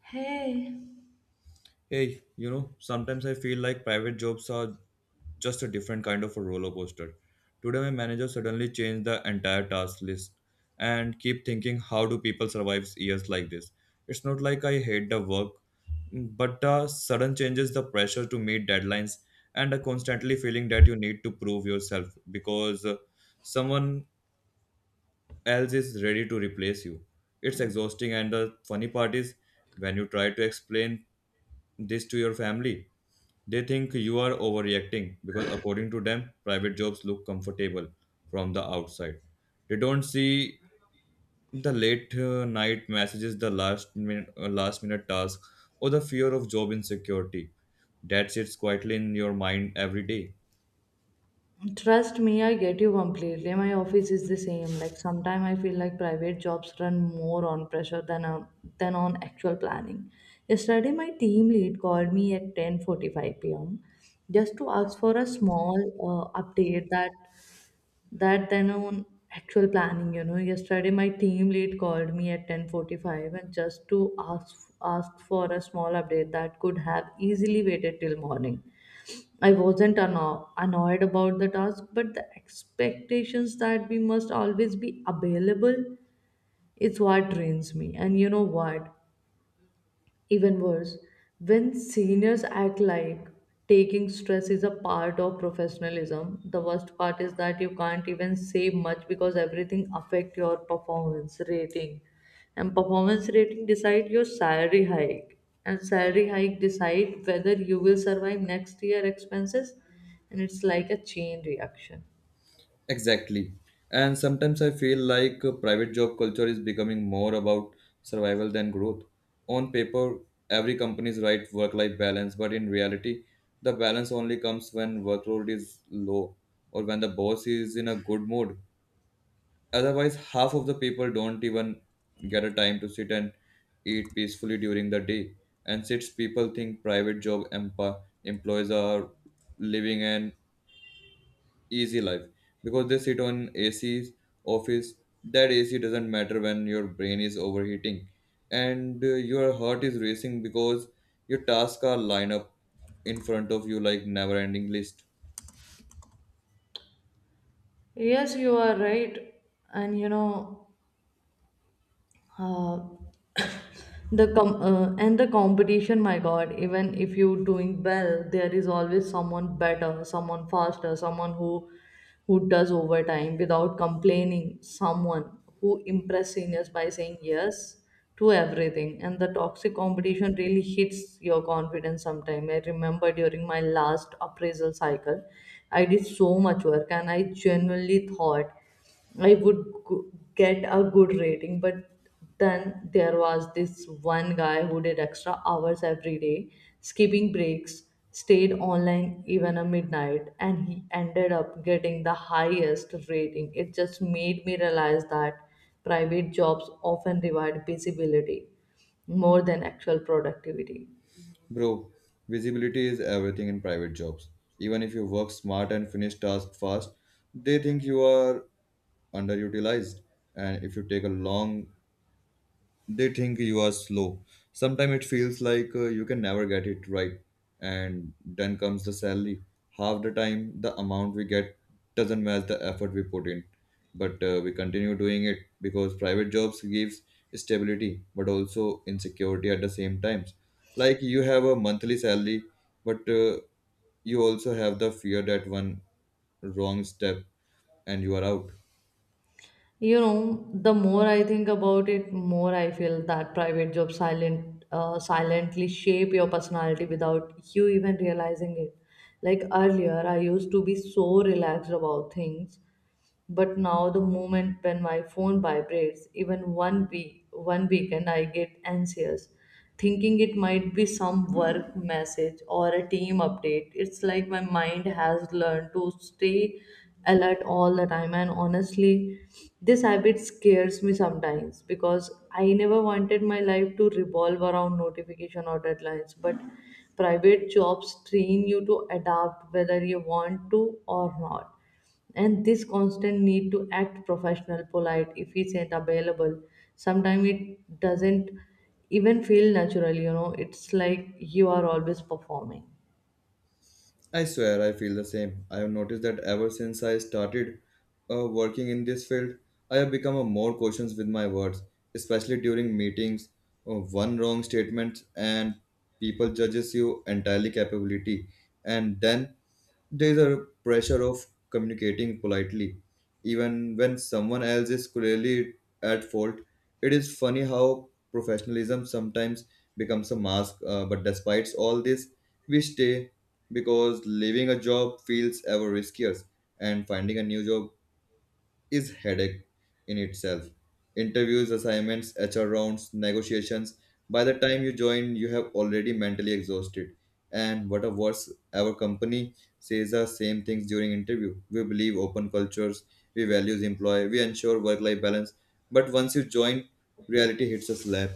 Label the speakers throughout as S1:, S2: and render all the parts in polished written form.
S1: Hey,
S2: Hey, you know, sometimes I feel like private jobs are just a different kind of a roller coaster. Today, my manager suddenly changed the entire task list and keep thinking, how do people survive years like this? It's not like I hate the work, but the sudden changes, the pressure to meet deadlines, and a constantly feeling that you need to prove yourself because someone else is ready to replace you. It's exhausting, and the funny part is when you try to explain this to your family they think you are overreacting because, according to them, private jobs look comfortable from the outside. They don't see the late night messages, the last minute tasks, or the fear of job insecurity that sits quietly in your mind every day.
S1: trust me, I get you completely. My office is the same. Like sometimes I feel like private jobs run more on pressure than on actual planning. Yesterday, my team lead called me at 10:45 p.m. just to ask for a small update that that then on Actual planning. You know, yesterday my team lead called me at 10:45 and just to ask for a small update that could have easily waited till morning. I wasn't annoyed about the task, but the expectations that we must always be available is what drains me. And you know what? Even worse, when seniors act like taking stress is a part of professionalism, the worst part is that you can't even say much because everything affect your performance rating. And performance rating decide your salary hike. And salary hike decide whether you will survive next year expenses. And it's like a chain reaction.
S2: Exactly. And sometimes I feel like private job culture is becoming more about survival than growth. On paper, every company is right work life balance, but in reality, the balance only comes when workload is low or when the boss is in a good mood. Otherwise, half of the people don't even get a time to sit and eat peacefully during the day. And since people think employees are living an easy life because they sit on AC's office. That AC doesn't matter when your brain is overheating and your heart is racing because your tasks are lined up in front of you like never ending list.
S1: Yes, you are right. And you know, uh, the competition, my god, even if you doing well there is always someone better, someone faster, someone who does overtime without complaining, someone who impress seniors by saying yes to everything. And the toxic competition really hits your confidence sometime. I remember during my last appraisal cycle I did so much work and I genuinely thought I would get a good rating, but then there was this one guy who did extra hours every day, skipping breaks, stayed online even at midnight, and he ended up getting the highest rating. It just made me realize that private jobs often reward visibility more than actual productivity.
S2: Bro, visibility is everything in private jobs. Even if you work smart and finish tasks fast, they think you are underutilized and if you take a long they think you are slow. Sometimes it feels like you can never get it right. And then comes the salary. Half the time, the amount we get doesn't match the effort we put in. But we continue doing it because private jobs gives stability, but also insecurity at the same times. Like you have a monthly salary, but you also have the fear that one wrong step and you are out.
S1: You know, the more I think about it, more I feel that private jobs silently shape your personality without you even realizing it. Like earlier, I used to be so relaxed about things, but now the moment when my phone vibrates, even one weekend I get anxious, thinking it might be some work message or a team update. It's like my mind has learned to stay alert all the time, and honestly this habit scares me sometimes because I never wanted my life to revolve around notification or deadlines. But private jobs train you to adapt whether you want to or not, and this constant need to act professional, polite, efficient, available, sometimes it doesn't even feel natural, you know. It's like you are always performing.
S2: I swear I feel the same. I have noticed that ever since I started working in this field, I have become a more cautious with my words, especially during meetings. One wrong statement and people judges you entirely capability, and then there is a pressure of communicating politely, even when someone else is clearly at fault. It is funny how professionalism sometimes becomes a mask, but despite all this, we stay because leaving a job feels ever riskier and finding a new job is headache in itself, interviews, assignments, HR rounds, negotiations. By the time you join you have already mentally exhausted. And what a worse, our company says the same things during interview. We believe open cultures, we values employee, we ensure work life balance, but once you join reality hits a slap.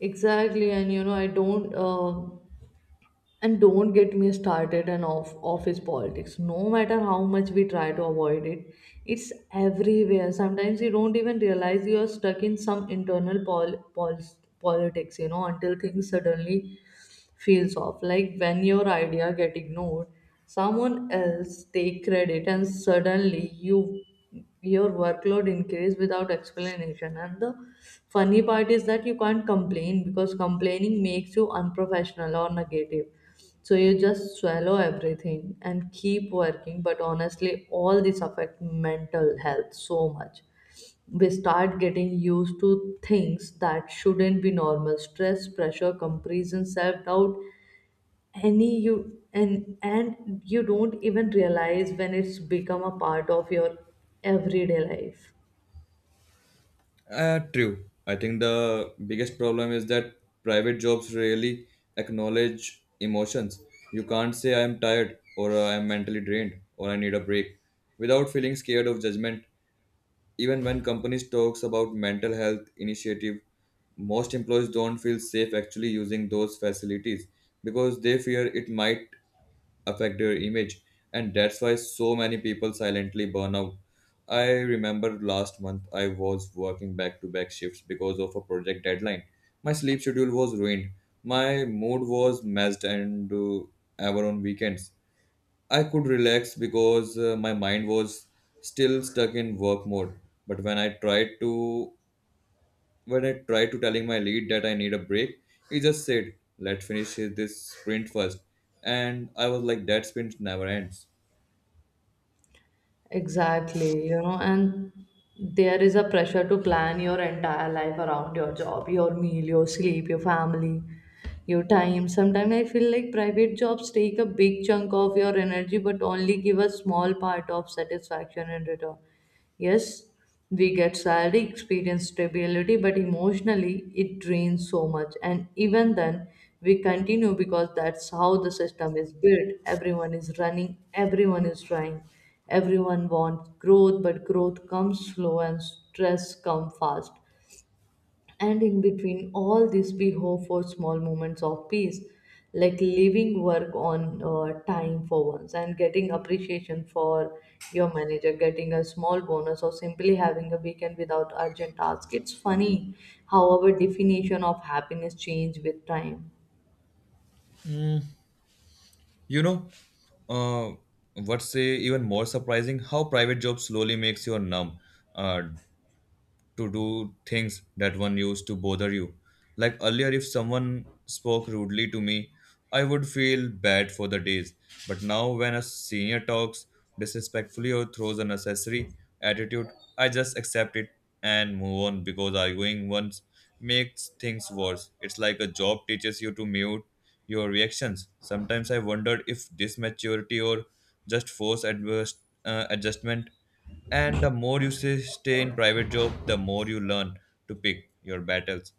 S1: Exactly. And you know, I don't and don't get me started on office politics. No matter how much we try to avoid it, it's everywhere. Sometimes you don't even realize you are stuck in some internal politics, you know, until things suddenly feels off. Like when your idea get ignored, someone else take credit, and suddenly your workload increase without explanation. And the funny part is that you can't complain because complaining makes you unprofessional or negative, so you just swallow everything and keep working. But honestly, all this affect mental health so much. We start getting used to things that shouldn't be normal. Stress, pressure, comparison, self-doubt, any you and you don't even realize when it's become a part of your everyday life.
S2: True. I think the biggest problem is that private jobs rarely acknowledge emotions. You can't say I'm tired or I'm mentally drained or I need a break without feeling scared of judgment. Even when companies talks about mental health initiative, most employees don't feel safe actually using those facilities because they fear it might affect their image, and that's why so many people silently burn out. I remember last month I was working back to back shifts because of a project deadline. My sleep schedule was ruined, my mood was messed, and ever on weekends I could relax because my mind was still stuck in work mode. But when I tried to telling my lead that I need a break, he just said, "Let's finish this sprint first." And I was like, "That sprint never ends."
S1: Exactly, you know. And there is a pressure to plan your entire life around your job, your meal, your sleep, your family, your time. Sometimes I feel like private jobs take a big chunk of your energy but only give a small part of satisfaction in return. Yes, we get salary, experience, stability, but emotionally it drains so much. And even then, we continue because that's how the system is built. Everyone is running, everyone is trying, everyone wants growth, but growth comes slow and stress comes fast. And in between all this, we hope for small moments of peace, like leaving work on time for once and getting appreciation for your manager, getting a small bonus, or simply having a weekend without urgent tasks. It's funny how our definition of happiness change with time.
S2: You know, uh, what's say even more surprising? How private job slowly makes you numb. Uh, to do things that one used to bother you. Like earlier, if someone spoke rudely to me, I would feel bad for the days. But now, when a senior talks disrespectfully or throws an unnecessary attitude, I just accept it and move on because arguing once makes things worse. It's like a job teaches you to mute your reactions. Sometimes I wondered if this maturity or just force adjustment. And the more you say, stay in private job the more you learn to pick your battles.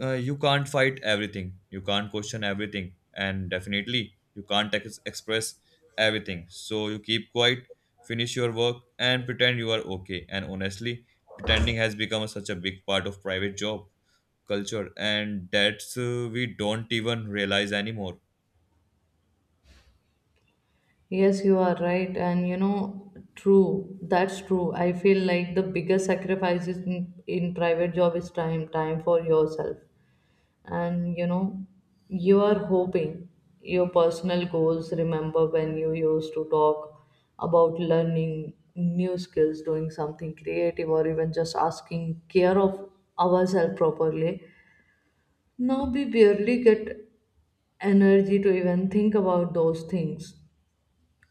S2: You can't fight everything, you can't question everything, and definitely you can't ex- express everything, so you keep quiet, finish your work and pretend you are okay. And honestly, pretending has become such a big part of private job culture, and that's we don't even realize anymore.
S1: Yes, you are right. And you know, true, that's true. I feel like the biggest sacrifices in private job is time, time for yourself. And you know, you are hoping your personal goals. Remember when you used to talk about learning new skills, doing something creative, or even just asking care of ourselves properly? Now we barely get energy to even think about those things.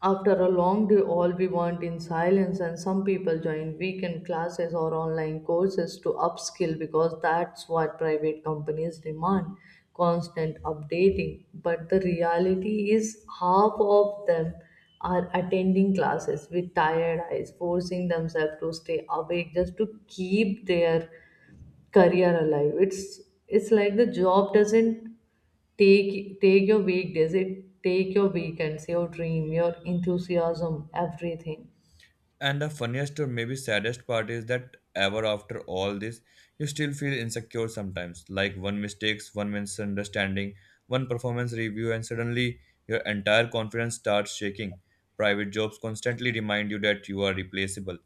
S1: After a long day, all we want in silence, and some people join weekend classes or online courses to upskill because that's what private companies demand, constant updating. But the reality is, half of them are attending classes with tired eyes, forcing themselves to stay awake just to keep their career alive. It's like the job doesn't take your weekdays, it take your weekends, your dream, your enthusiasm, everything.
S2: And the funniest or maybe saddest part is that ever after all this, you still feel insecure sometimes. Like one mistakes, one misunderstanding, one performance review, and suddenly your entire confidence starts shaking. Private jobs constantly remind you that you are replaceable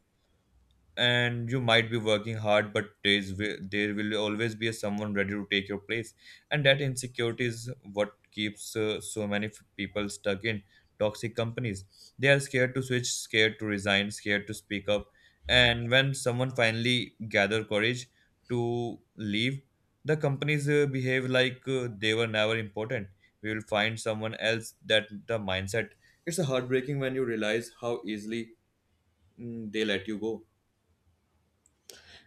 S2: and you might be working hard but there will always be a someone ready to take your place, and that insecurity is what keeps so many people stuck in toxic companies. They are scared to switch, scared to resign, scared to speak up, and when someone finally gather courage to leave the companies behave like they were never important. We will find someone else, that the mindset. It's heartbreaking when you realize how easily they let you go.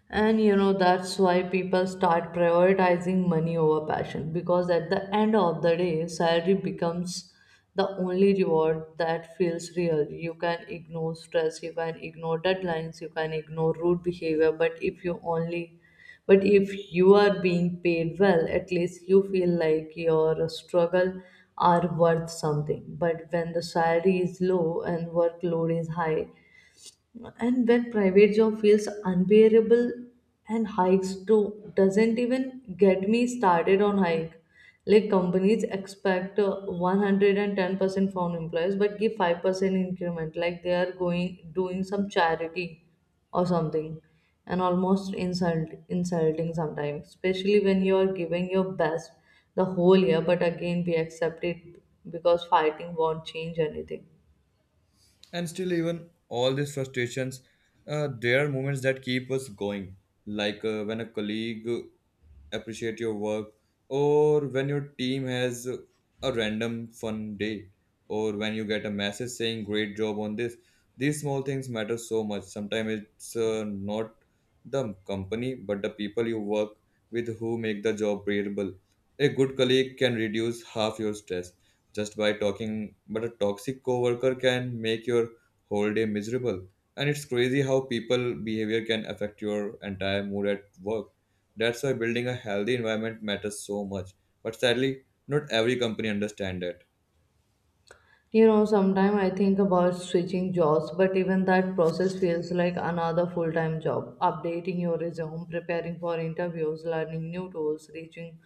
S1: And you know, that's why people start prioritizing money over passion, because at the end of the day, salary becomes the only reward that feels real. You can ignore stress, you can ignore deadlines, you can ignore rude behavior, but if you are being paid well, at least you feel like your struggle are worth something. But when the salary is low and workload is high, and when private job feels unbearable, and hikes too, doesn't even get me started on hike. Like companies expect 110% from employees but give 5% increment like they are going doing some charity or something. And almost insulting sometimes, especially when you are giving your best the whole year, but again we accept it because fighting won't change anything.
S2: And still, even all these frustrations, there are moments that keep us going. Like when a colleague appreciate your work, or when your team has a random fun day, or when you get a message saying great job on this. These small things matter so much. Sometimes it's not the company but the people you work with who make the job bearable. A good colleague can reduce half your stress just by talking, but a toxic coworker can make your whole day miserable, and it's crazy how people behavior can affect your entire mood at work. That's why building a healthy environment matters so much. But sadly, not every company understands that.
S1: You know, sometimes I think about switching jobs, but even that process feels like another full time job. Updating your resume, preparing for interviews, learning new tools,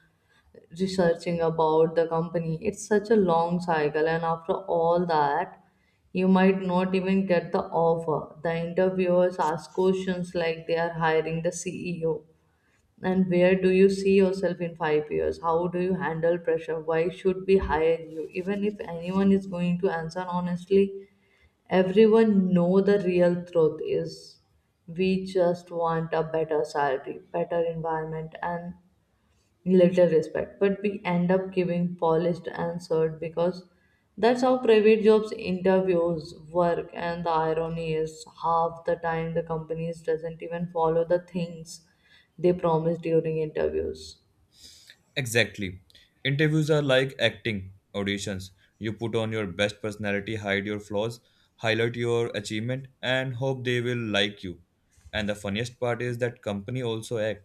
S1: researching about the company. It's such a long cycle, and after all that, you might not even get the offer. The interviewers ask questions like they are hiring the CEO. And where do you see yourself in five years? How do you handle pressure? Why should we hire you? Even if anyone is going to answer honestly, everyone know the real truth is we just want a better salary, better environment and little respect, but we end up giving polished answer because that's how private jobs interviews work. And the irony is half the time the companies doesn't even follow the things they promise during interviews.
S2: Exactly. Interviews are like acting auditions. You put on your best personality, hide your flaws, highlight your achievement, and hope they will like you. And the funniest part is that company also act.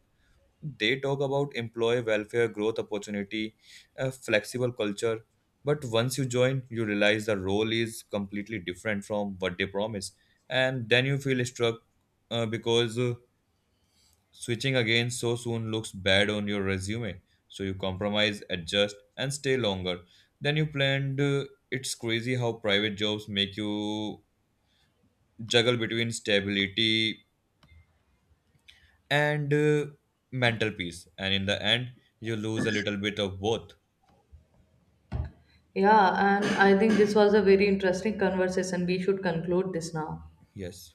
S2: They talk about employee welfare, growth opportunity, a flexible culture, but once you join you realize the role is completely different from what they promise, and then you feel struck, because switching again so soon looks bad on your resume, so you compromise, adjust and stay longer than you planned. It's crazy how private jobs make you juggle between stability and mental peace, and in the end you lose a little bit of both.
S1: Yeah, and I think this was a very interesting conversation. We should conclude this now.
S2: Yes.